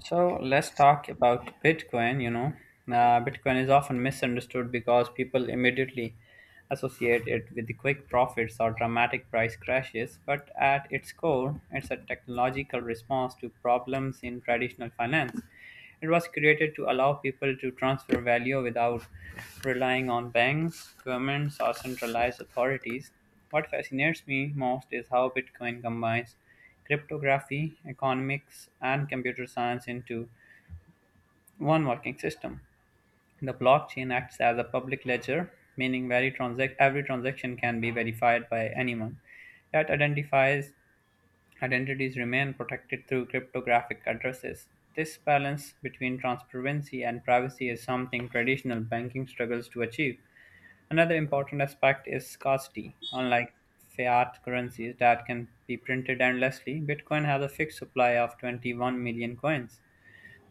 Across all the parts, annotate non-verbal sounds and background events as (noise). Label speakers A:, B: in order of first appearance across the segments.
A: So let's talk about Bitcoin. Bitcoin is often misunderstood because people immediately associate it with the quick profits or dramatic price crashes. But at its core, it's a technological response to problems in traditional finance. It was created to allow people to transfer value without relying on banks, governments, or centralized authorities. What fascinates me most is how Bitcoin combines cryptography, economics, and computer science into one working system. The blockchain acts as a public ledger, meaning every transaction can be verified by anyone. That identifies Identities remain protected through cryptographic addresses. This balance between transparency and privacy is something traditional banking struggles to achieve. Another important aspect is scarcity. Unlike fiat currencies that can be printed endlessly, Bitcoin has a fixed supply of 21 million coins.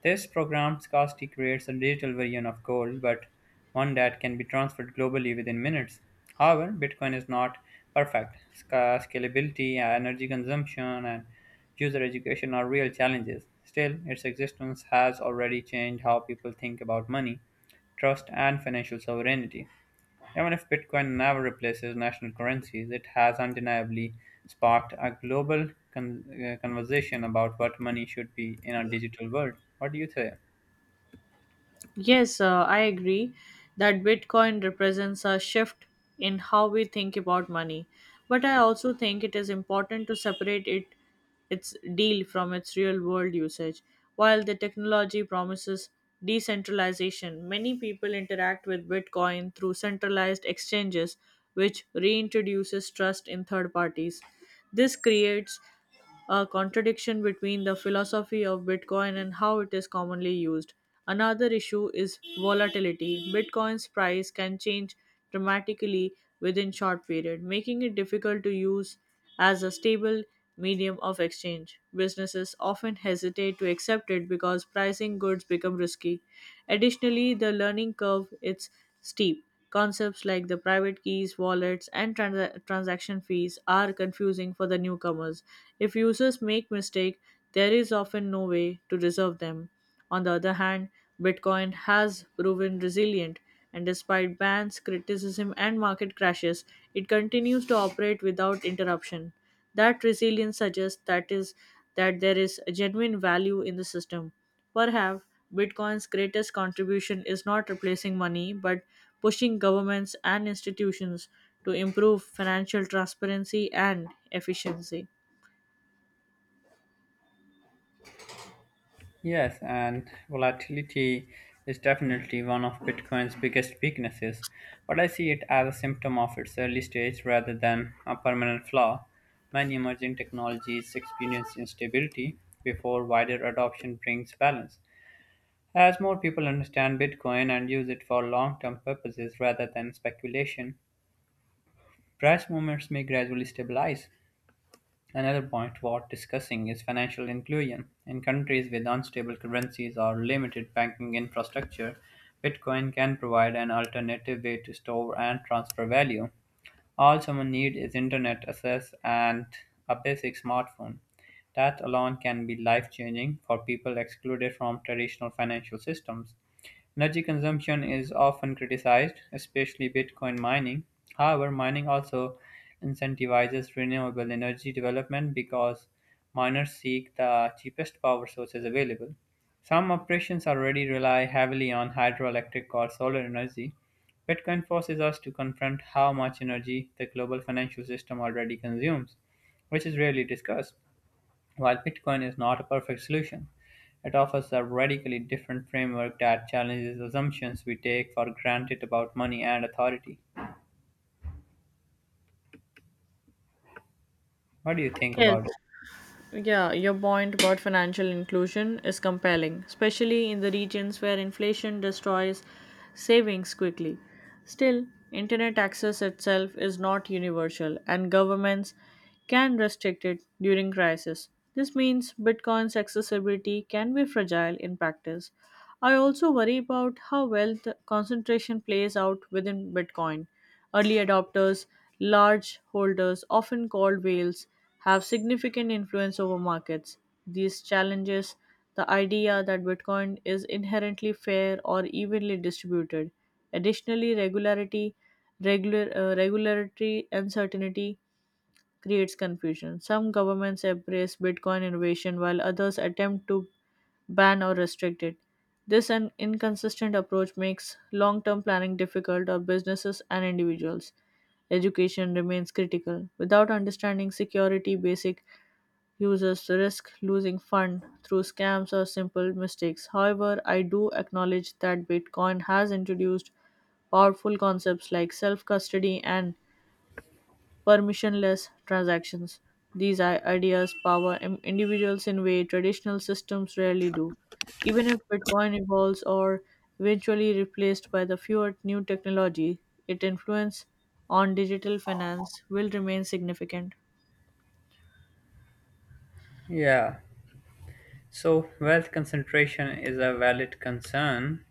A: This programmed scarcity creates a digital version of gold, but one that can be transferred globally within minutes. However, Bitcoin is not perfect. Scalability, energy consumption, and user education are real challenges. Still, its existence has already changed how people think about money, trust, and financial sovereignty. Even if Bitcoin never replaces national currencies, it has undeniably sparked a global conversation about what money should be in a digital world. What do you say?
B: Yes, I agree that Bitcoin represents a shift in how we think about money. But I also think it is important to separate it its deal from its real world usage. While the technology promises decentralization, many people interact with Bitcoin through centralized exchanges, which reintroduces trust in third parties. This creates a contradiction between the philosophy of Bitcoin and how it is commonly used. Another issue is volatility. Bitcoin's price can change dramatically within short period, making it difficult to use as a stable medium of exchange. Businesses often hesitate to accept it because pricing goods become risky. Additionally, the learning curve is steep. Concepts like the private keys, wallets, and transaction fees are confusing for the newcomers. If users make mistake, there is often no way to resolve them. On the other hand, Bitcoin has proven resilient, and despite bans, criticism, and market crashes, it continues to operate without interruption. That resilience suggests that there is a genuine value in the system. Perhaps Bitcoin's greatest contribution is not replacing money, but pushing governments and institutions to improve financial transparency and efficiency.
A: Yes, and volatility is definitely one of Bitcoin's biggest weaknesses, but I see it as a symptom of its early stage rather than a permanent flaw. Many emerging technologies experience instability before wider adoption brings balance. As more people understand Bitcoin and use it for long-term purposes rather than speculation, price movements may gradually stabilize. Another point worth discussing is financial inclusion. In countries with unstable currencies or limited banking infrastructure, Bitcoin can provide an alternative way to store and transfer value. All someone needs is internet access and a basic smartphone. That alone can be life changing for people excluded from traditional financial systems. Energy consumption is often criticized, especially Bitcoin mining. However, mining also incentivizes renewable energy development because miners seek the cheapest power sources available. Some operations already rely heavily on hydroelectric or solar energy. Bitcoin forces us to confront how much energy the global financial system already consumes, which is rarely discussed. While Bitcoin is not a perfect solution, it offers a radically different framework that challenges assumptions we take for granted about money and authority. What do you think
B: Yes,
A: about it?
B: Yeah, your point about financial inclusion is compelling, especially in the regions where inflation destroys savings quickly. Still, internet access itself is not universal, and governments can restrict it during crisis. This means Bitcoin's accessibility can be fragile in practice. I also worry about how wealth concentration plays out within Bitcoin. Early adopters, large holders, often called whales, have significant influence over markets. These challenges the idea that Bitcoin is inherently fair or evenly distributed. Additionally, regulatory uncertainty creates confusion. Some governments embrace Bitcoin innovation while others attempt to ban or restrict it. This an inconsistent approach makes long term planning difficult for businesses and individuals. Education remains critical. Without understanding security basic, users risk losing fund through scams or simple mistakes. However, I do acknowledge that Bitcoin has introduced powerful concepts like self custody and permissionless transactions. These ideas power individuals in way traditional systems rarely do. Even if Bitcoin evolves or eventually replaced by the fewer new technology, its influence on digital finance will remain significant.
A: Yeah, so wealth concentration is a valid concern,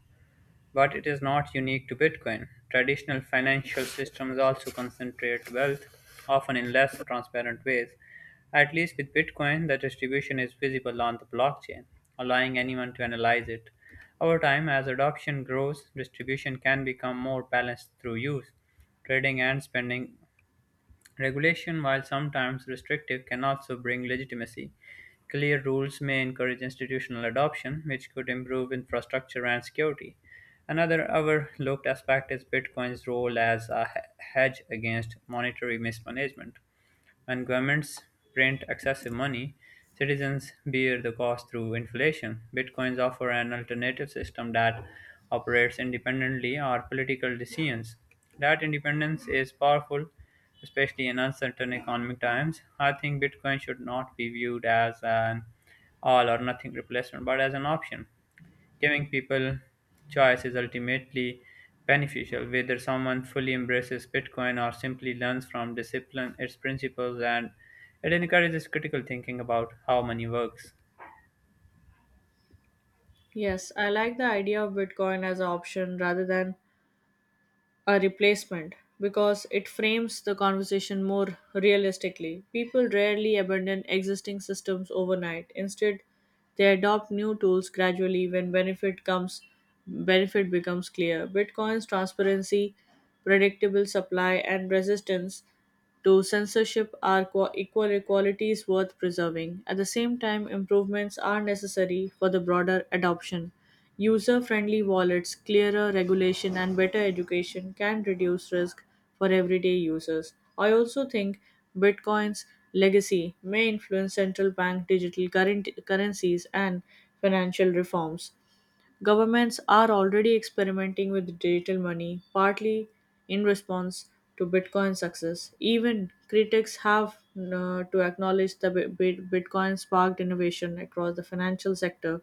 A: but it is not unique to Bitcoin. Traditional financial systems also concentrate wealth, often in less transparent ways. At least with Bitcoin, the distribution is visible on the blockchain, allowing anyone to analyze it. Over time, as adoption grows, distribution can become more balanced through use, trading, and spending. Regulation, while sometimes restrictive, can also bring legitimacy. Clear rules may encourage institutional adoption, which could improve infrastructure and security. Another overlooked aspect is Bitcoin's role as a hedge against monetary mismanagement. When governments print excessive money, citizens bear the cost through inflation. Bitcoins offer an alternative system that operates independently of political decisions. That independence is powerful, especially in uncertain economic times. I think Bitcoin should not be viewed as an all or nothing replacement, but as an option. Giving people choice is ultimately beneficial, whether someone fully embraces Bitcoin or simply learns from discipline its principles, and it encourages critical thinking about how money works.
B: Yes, I like the idea of Bitcoin as an option rather than a replacement because it frames the conversation more realistically. People rarely abandon existing systems overnight. Instead, they adopt new tools gradually when benefit becomes clear. Bitcoin's transparency, predictable supply and resistance to censorship are qua equal equalities worth preserving. At the same time, improvements are necessary for the broader adoption. User friendly wallets, clearer regulation, and better education can reduce risk for everyday users. I also think Bitcoin's legacy may influence central bank digital currencies and financial reforms. Governments are already experimenting with digital money, partly in response to Bitcoin's success. Even critics have to acknowledge that Bitcoin sparked innovation across the financial sector,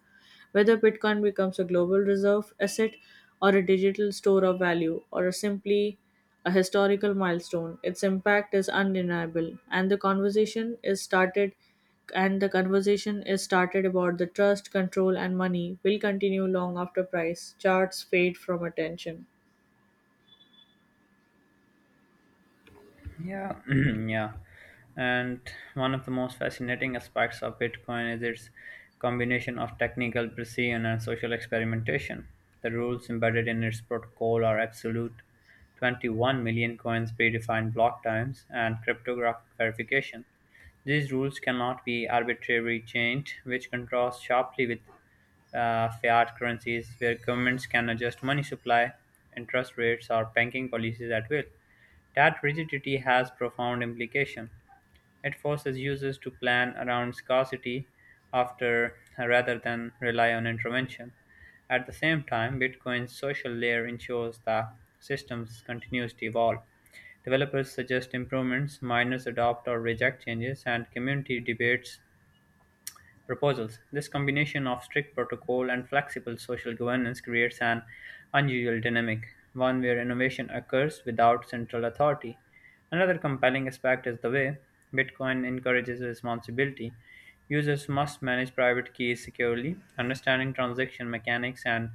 B: whether Bitcoin becomes a global reserve asset or a digital store of value or a simply a historical milestone. Its impact is undeniable and the conversation is started about the trust, control and money will continue long after price charts fade from attention.
A: Yeah, (clears throat) yeah. And one of the most fascinating aspects of Bitcoin is its combination of technical precision and social experimentation. The rules embedded in its protocol are absolute: 21 million coins, predefined block times, and cryptographic verification. These rules cannot be arbitrarily changed, which contrasts sharply with fiat currencies, where governments can adjust money supply, interest rates, or banking policies at will. That rigidity has profound implications; it forces users to plan around scarcity after rather than rely on intervention. At the same time, Bitcoin's social layer ensures the systems continues to evolve. Developers suggest improvements, miners adopt or reject changes, and community debates proposals. This combination of strict protocol and flexible social governance creates an unusual dynamic, one where innovation occurs without central authority. Another compelling aspect is the way Bitcoin encourages responsibility. Users must manage private keys securely, understanding transaction mechanics, and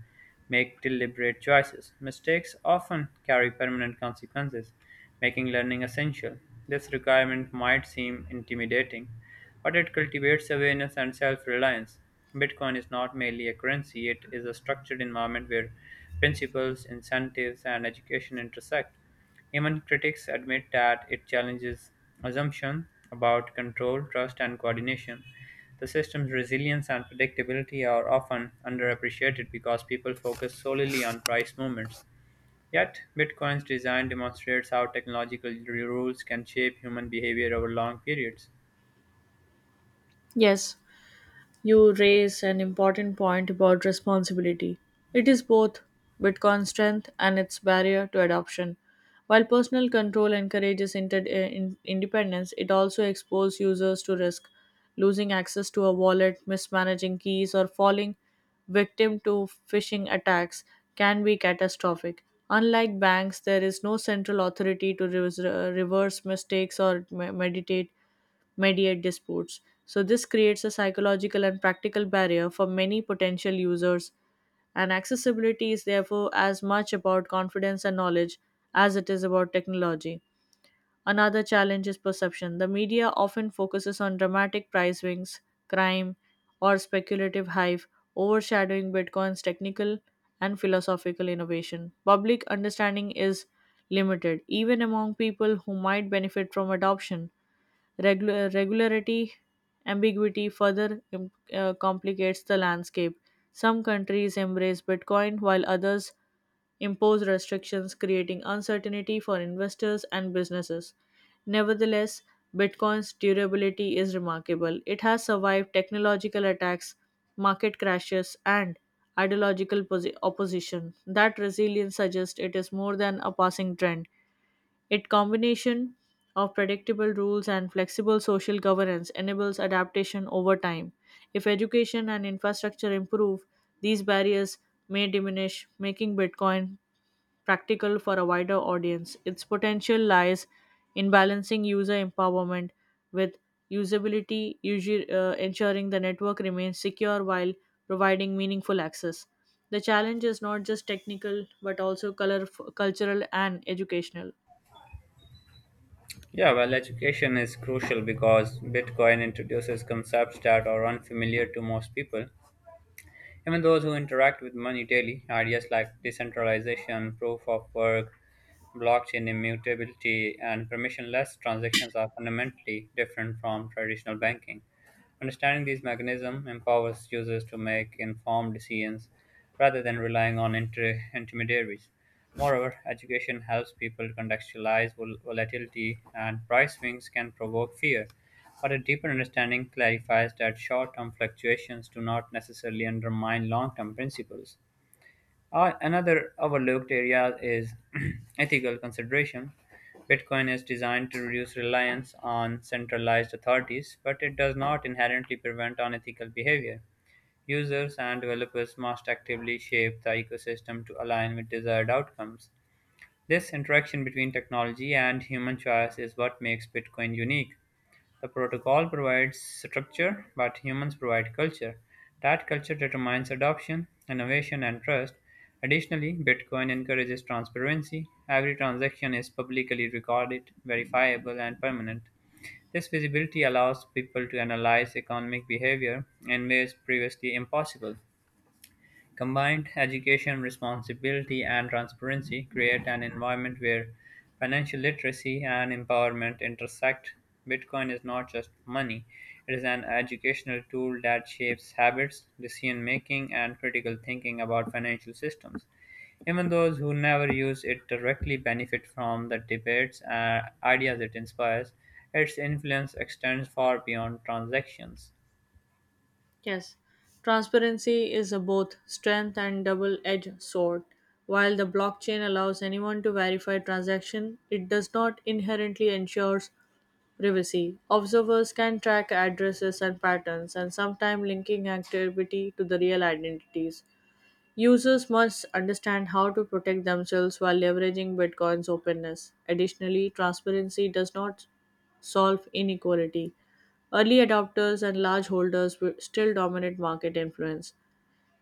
A: make deliberate choices. Mistakes often carry permanent consequences, making learning essential. This requirement might seem intimidating, but it cultivates awareness and self-reliance. Bitcoin is not merely a currency, it is a structured environment where principles, incentives, and education intersect. Even critics admit that it challenges assumptions about control, trust, and coordination. The system's resilience and predictability are often underappreciated because people focus solely on price movements. Yet, Bitcoin's design demonstrates how technological rules can shape human behavior over long periods.
B: Yes, you raise an important point about responsibility. It is both Bitcoin's strength and its barrier to adoption. While personal control encourages independence, it also exposes users to risk, losing access to a wallet, mismanaging keys, or falling victim to phishing attacks can be catastrophic. Unlike banks, there is no central authority to reverse mistakes or mediate disputes. So, this creates a psychological and practical barrier for many potential users, and accessibility is therefore as much about confidence and knowledge as it is about technology. Another challenge is perception. The media often focuses on dramatic price swings, crime, or speculative hype, overshadowing Bitcoin's technical and philosophical innovation. Public understanding is limited, even among people who might benefit from adoption. Regular, regularity ambiguity further complicates the landscape. Some countries embrace Bitcoin while others impose restrictions, creating uncertainty for investors and businesses. Nevertheless, Bitcoin's durability is remarkable. It has survived technological attacks, market crashes, and ideological opposition. That resilience suggests it is more than a passing trend. Its combination of predictable rules and flexible social governance enables adaptation over time. If education and infrastructure improve, these barriers may diminish, making Bitcoin practical for a wider audience. Its potential lies in balancing user empowerment with ensuring the network remains secure while providing meaningful access. The challenge is not just technical but also cultural and educational.
A: Yeah, well, education is crucial because Bitcoin introduces concepts that are unfamiliar to most people. Even those who interact with money daily, ideas like decentralization, proof of work, blockchain immutability, and permissionless transactions are fundamentally different from traditional banking. Understanding these mechanisms empowers users to make informed decisions rather than relying on intermediaries. Moreover, education helps people to contextualize volatility, and price swings can provoke fear. But a deeper understanding clarifies that short term fluctuations do not necessarily undermine long term principles. Another overlooked area is (clears throat) ethical consideration. Bitcoin is designed to reduce reliance on centralized authorities, but it does not inherently prevent unethical behavior. Users and developers must actively shape the ecosystem to align with desired outcomes. This interaction between technology and human choice is what makes Bitcoin unique. The protocol provides structure, but humans provide culture. That culture determines adoption, innovation, and trust. Additionally, Bitcoin encourages transparency. Every transaction is publicly recorded, verifiable, and permanent. This visibility allows people to analyze economic behavior in ways previously impossible. Combined education, responsibility, and transparency create an environment where financial literacy and empowerment intersect. Bitcoin is not just money, it is an educational tool that shapes habits, decision making, and critical thinking about financial systems. Even those who never use it directly benefit from the debates and ideas it inspires. Its influence extends far beyond transactions.
B: Yes, transparency is a both strength and double edged sword. While the blockchain allows anyone to verify transaction, it does not inherently ensures privacy. Observers can track addresses and patterns and sometimes linking activity to the real identities. Users must understand how to protect themselves while leveraging Bitcoin's openness. Additionally, transparency does not solve inequality. Early adopters and large holders will still dominate market influence.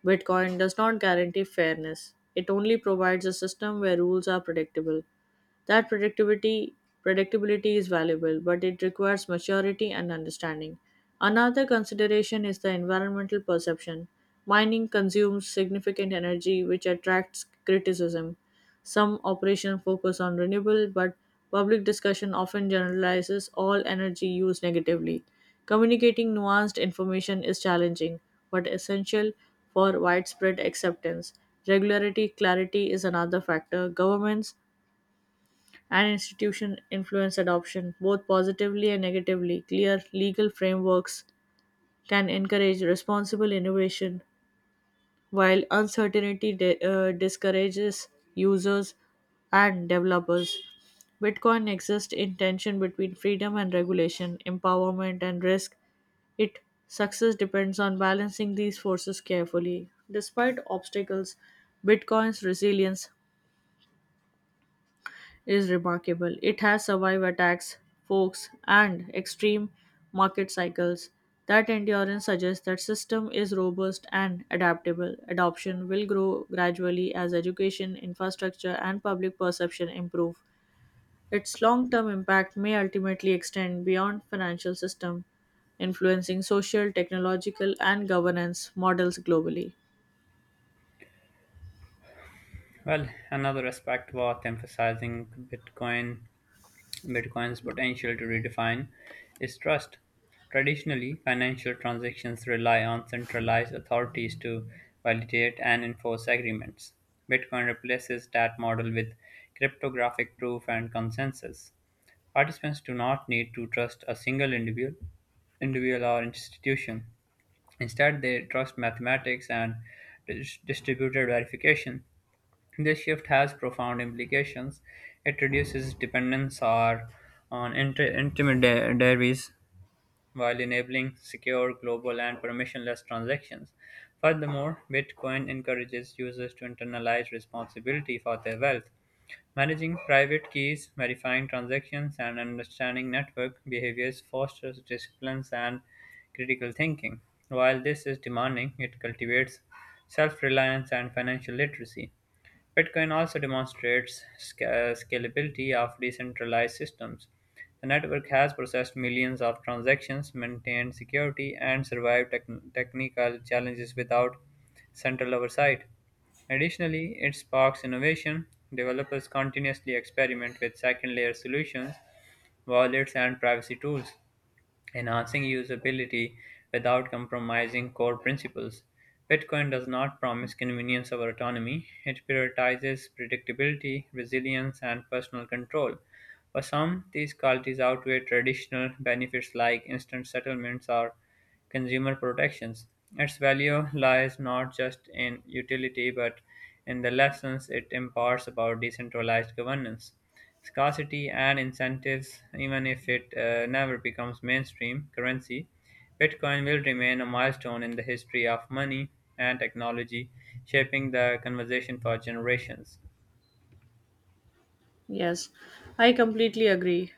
B: Bitcoin does not guarantee fairness, it only provides a system where rules are predictable. That predictability is valuable, but it requires maturity and understanding. Another consideration is the environmental perception. Mining consumes significant energy, which attracts criticism. Some operations focus on renewable, but public discussion often generalizes all energy use negatively. Communicating nuanced information is challenging, but essential for widespread acceptance. Regularity, clarity is another factor. Governments and institutions influence adoption, both positively and negatively. Clear legal frameworks can encourage responsible innovation while uncertainty discourages users and developers. Bitcoin exists in tension between freedom and regulation, empowerment and risk. Its success depends on balancing these forces carefully. Despite obstacles, Bitcoin's resilience is remarkable. It has survived attacks, forks, and extreme market cycles. That endurance suggests that system is robust and adaptable. Adoption will grow gradually as education, infrastructure, and public perception improve. Its long-term impact may ultimately extend beyond financial system, influencing social, technological, and governance models globally.
A: Well, another aspect worth emphasizing, Bitcoin Bitcoin's potential to redefine is trust. Traditionally, financial transactions rely on centralized authorities to validate and enforce agreements. Bitcoin replaces that model with cryptographic proof and consensus. Participants do not need to trust a single individual or institution. Instead, they trust mathematics and distributed verification. This shift has profound implications. It reduces dependence or on intermediaries while enabling secure, global, and permissionless transactions. Furthermore, Bitcoin encourages users to internalize responsibility for their wealth. Managing private keys, verifying transactions, and understanding network behaviors fosters disciplines and critical thinking. While this is demanding, it cultivates self reliance and financial literacy. Bitcoin also demonstrates scalability of decentralized systems. The network has processed millions of transactions, maintained security, and survived technical challenges without central oversight. Additionally, it sparks innovation. Developers continuously experiment with second layer solutions, wallets, and privacy tools, enhancing usability without compromising core principles. Bitcoin does not promise convenience or autonomy, it prioritizes predictability, resilience, and personal control. For some, these qualities outweigh traditional benefits like instant settlements or consumer protections. Its value lies not just in utility but in the lessons it imparts about decentralized governance, scarcity, and incentives. Even if it never becomes mainstream currency, Bitcoin will remain a milestone in the history of money and technology, shaping the conversation for generations.
B: Yes, I completely agree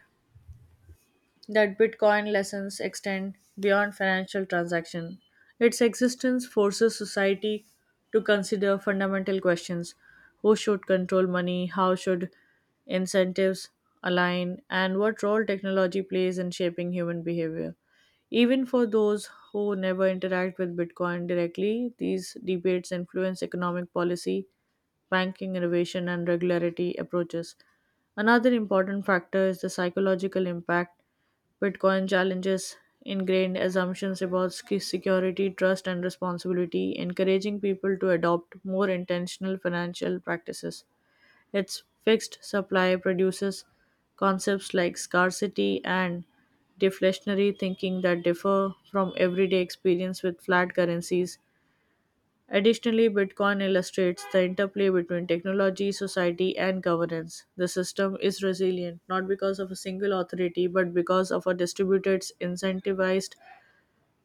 B: that Bitcoin lessons extend beyond financial transaction. Its existence forces society to consider fundamental questions. Who should control money? How should incentives align? And what role technology plays in shaping human behavior? Even for those who never interact with Bitcoin directly, these debates influence economic policy, ranking, innovation, and regularity approaches. Another important factor is the psychological impact. Bitcoin challenges ingrained assumptions about security, trust, and responsibility, encouraging people to adopt more intentional financial practices. Its fixed supply produces concepts like scarcity and deflationary thinking that differ from everyday experience with flat currencies. Additionally, Bitcoin illustrates the interplay between technology, society, and governance. The system is resilient not because of a single authority but because of a distributed, incentivized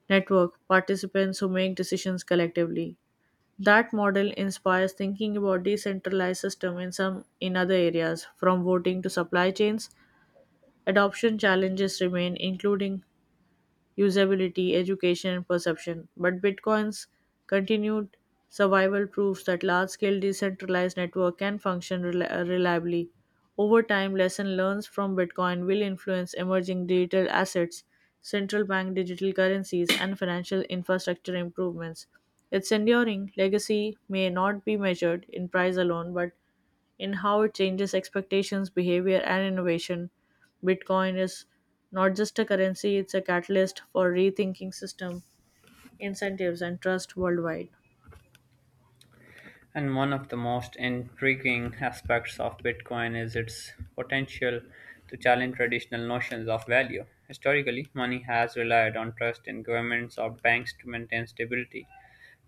B: network, participants who make decisions collectively. That model inspires thinking about decentralized system in some in other areas, from voting to supply chains. Adoption challenges remain, including usability, education, and perception. But Bitcoin's continued survival proves that large scale decentralized network can function reliably. Over time, lesson learned from Bitcoin will influence emerging digital assets, central bank digital currencies, and financial infrastructure improvements. Its enduring legacy may not be measured in price alone, but in how it changes expectations, behavior, and innovation. Bitcoin is not just a currency, it's a catalyst for rethinking system, incentives, and trust worldwide.
A: And one of the most intriguing aspects of Bitcoin is its potential to challenge traditional notions of value. Historically, money has relied on trust in governments or banks to maintain stability.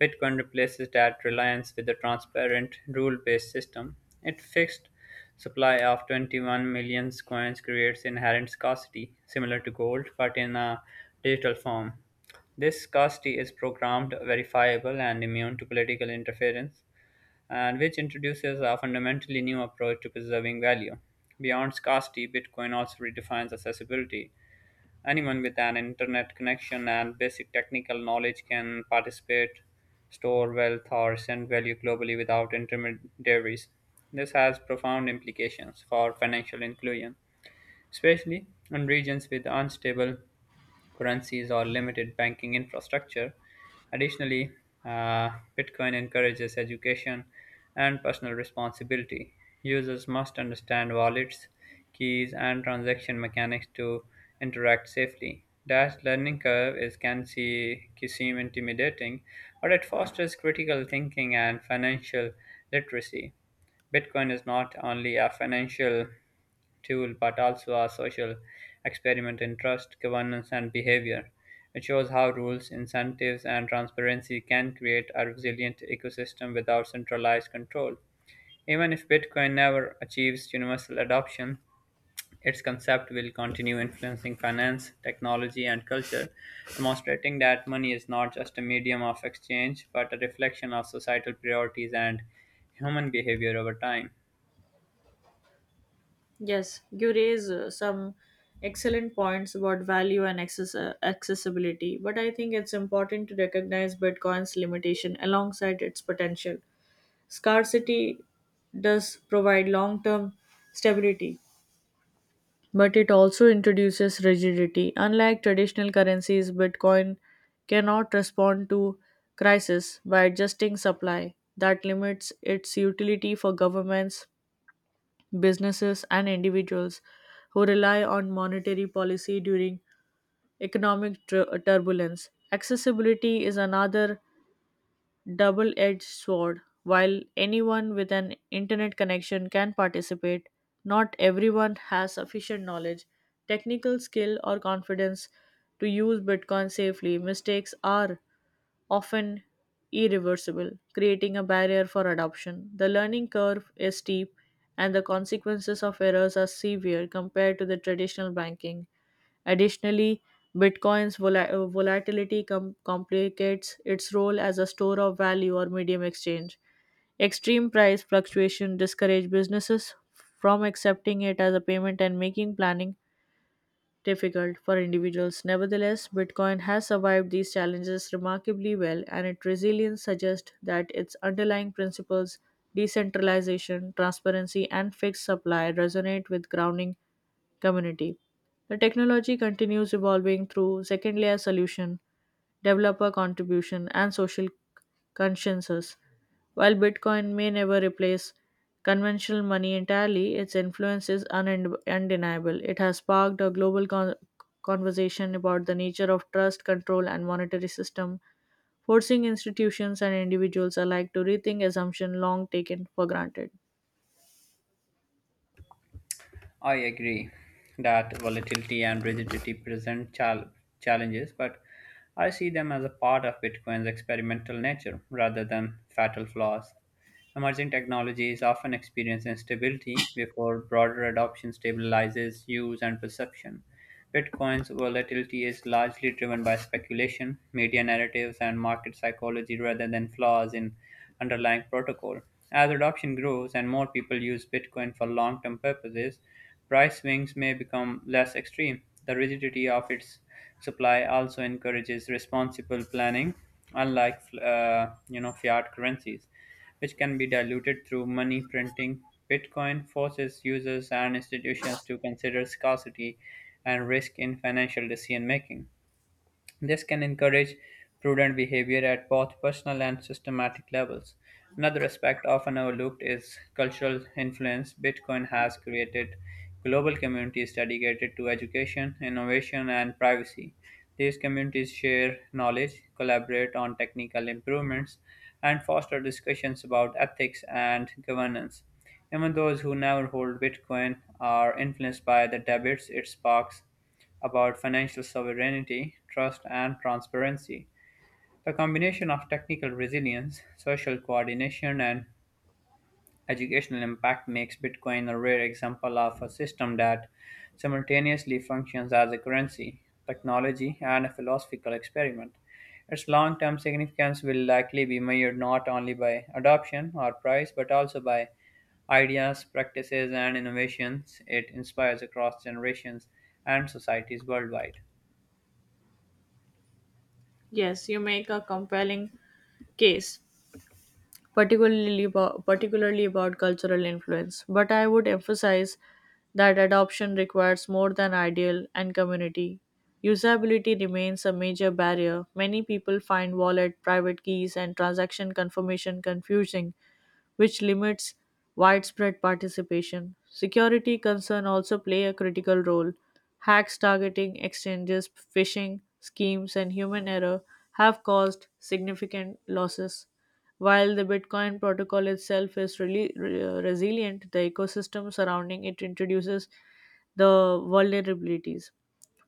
A: Bitcoin replaces that reliance with a transparent, rule based system. Its fixed supply of 21 million coins creates inherent scarcity, similar to gold, but in a digital form. This scarcity is programmed, verifiable, and immune to political interference, and which introduces a fundamentally new approach to preserving value. Beyond scarcity, Bitcoin also redefines accessibility. Anyone with an internet connection and basic technical knowledge can participate, store wealth, or send value globally without intermediaries. This has profound implications for financial inclusion, especially in regions with unstable currencies or limited banking infrastructure. Additionally, uh, Bitcoin encourages education and personal responsibility. Users must understand wallets, keys, and transaction mechanics to interact safely. That learning curve is can see can seem intimidating, but it fosters critical thinking and financial literacy. Bitcoin is not only a financial tool but also a social experiment in trust, governance, and behavior. It shows how rules, incentives, and transparency can create a resilient ecosystem without centralized control. Even if Bitcoin never achieves universal adoption, its concept will continue influencing finance, technology, and culture, demonstrating that money is not just a medium of exchange but a reflection of societal priorities and human behavior over time.
B: Yes, you raise some excellent points about value and accessibility, but I think it's important to recognize Bitcoin's limitation alongside its potential. Scarcity does provide long term stability, but it also introduces rigidity. Unlike traditional currencies, Bitcoin cannot respond to crisis by adjusting supply that limits its utility for governments, businesses, and individuals who rely on monetary policy during economic turbulence. Accessibility is another double edged sword. While anyone with an internet connection can participate, not everyone has sufficient knowledge, technical skill, or confidence to use Bitcoin safely. Mistakes are often irreversible, creating a barrier for adoption. The learning curve is steep, and the consequences of errors are severe compared to the traditional banking. Additionally, Bitcoin's volatility complicates its role as a store of value or medium exchange. Extreme price fluctuation discourage businesses from accepting it as a payment and making planning difficult for individuals. Nevertheless, Bitcoin has survived these challenges remarkably well, and its resilience suggests that its underlying principles, decentralization, transparency, and fixed supply, resonate with grounding community. The technology continues evolving through second layer solution, developer contribution, and social consciences. While Bitcoin may never replace conventional money entirely, its influence is undeniable. It has sparked a global conversation about the nature of trust, control, and monetary system, forcing institutions and individuals alike to rethink assumptions long taken for granted.
A: I agree that volatility and rigidity present challenges, but I see them as a part of Bitcoin's experimental nature rather than fatal flaws. Emerging technologies often experience instability before broader adoption stabilizes use and perception. Bitcoin's volatility is largely driven by speculation, media narratives, and market psychology rather than flaws in underlying protocol. As adoption grows and more people use Bitcoin for long term purposes, price swings may become less extreme. The rigidity of its supply also encourages responsible planning, unlike fiat currencies which can be diluted through money printing. Bitcoin forces users and institutions to consider scarcity and risk in financial decision making. This can encourage prudent behavior at both personal and systematic levels. Another aspect often overlooked is cultural influence. Bitcoin has created global communities dedicated to education, innovation, and privacy. These communities share knowledge, collaborate on technical improvements, and foster discussions about ethics and governance. Even those who never hold Bitcoin are influenced by the debates it sparks about financial sovereignty, trust, and transparency. The combination of technical resilience, social coordination, and educational impact makes Bitcoin a rare example of a system that simultaneously functions as a currency, technology, and a philosophical experiment. Its long term significance will likely be measured not only by adoption or price, but also by ideas, practices, and innovations it inspires across generations and societies worldwide.
B: Yes, you make a compelling case, particularly about cultural influence. But I would emphasize that adoption requires more than ideal and community. Usability remains a major barrier. Many people find wallet, private keys, and transaction confirmation confusing which limits widespread participation. Security concerns also play a critical role. Hacks targeting exchanges, phishing schemes, and human error have caused significant losses. While the Bitcoin protocol itself is resilient, the ecosystem surrounding it introduces the vulnerabilities.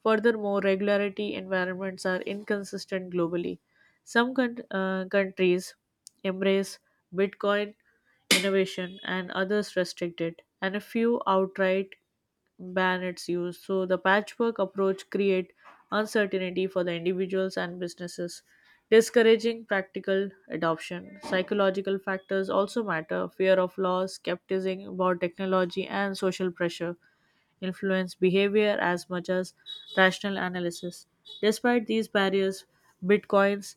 B: Furthermore, regularity environments are inconsistent globally. Some countries embrace Bitcoin innovation and others restrict it, and a few outright ban its use. So the patchwork approach create uncertainty for the individuals and businesses, discouraging practical adoption. Psychological factors also matter: fear of loss, skepticism about technology, and social pressure influence behavior as much as rational analysis. Despite these barriers, Bitcoin's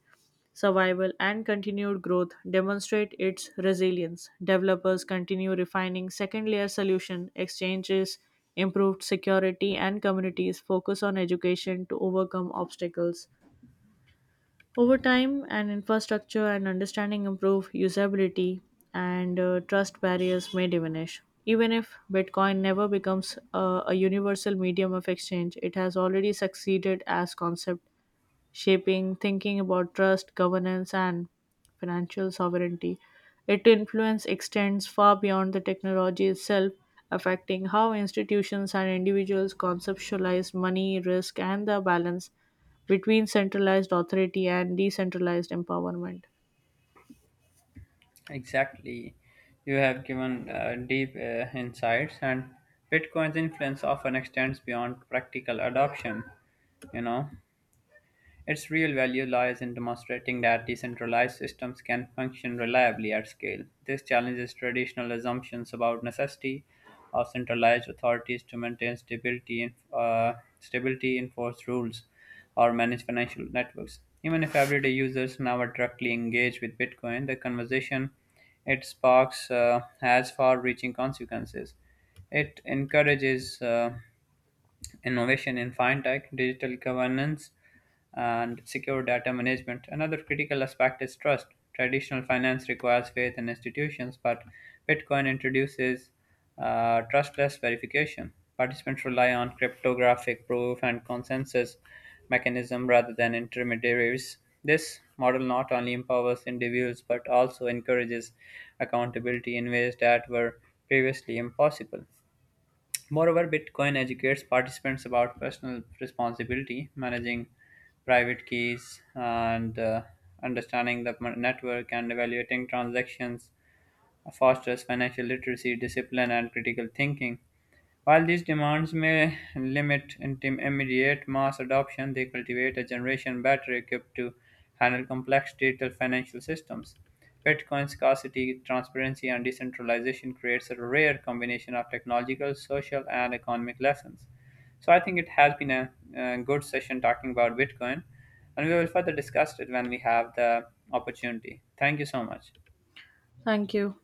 B: survival and continued growth demonstrate its resilience. Developers continue refining second layer solution, exchanges improved security and communities focus on education to overcome obstacles over time, an infrastructure and understanding improve usability, and trust barriers may diminish. Even if Bitcoin never becomes a universal medium of exchange, it has already succeeded as concept shaping thinking about trust, governance, and financial sovereignty. Its influence extends far beyond the technology itself, affecting how institutions and individuals conceptualize money, risk, and the balance between centralized authority and decentralized empowerment.
A: Exactly. You have given deep insights, and Bitcoin's influence often extends beyond practical adoption. You know, its real value lies in demonstrating that decentralized systems can function reliably at scale. This challenges traditional assumptions about necessity of centralized authorities to maintain stability, enforce rules, or manage financial networks. Even if everyday users never directly engage with Bitcoin, the conversation it sparks has far-reaching consequences. It encourages innovation in fintech, digital governance, and secure data management. Another critical aspect is trust. Traditional finance requires faith in institutions, but Bitcoin introduces trustless verification. Participants rely on cryptographic proof and consensus mechanism rather than intermediaries. This model not only empowers individuals but also encourages accountability in ways that were previously impossible. Moreover, Bitcoin educates participants about personal responsibility, managing private keys, and understanding the network and evaluating transactions, fosters financial literacy, discipline, and critical thinking. While these demands may limit immediate mass adoption, they cultivate a generation better equipped to handle complex digital financial systems. Bitcoin scarcity, transparency, and decentralization creates a rare combination of technological, social, and economic lessons. So I think it has been a, good session talking about Bitcoin, and we will further discuss it when we have the opportunity. Thank you so much.
B: Thank you.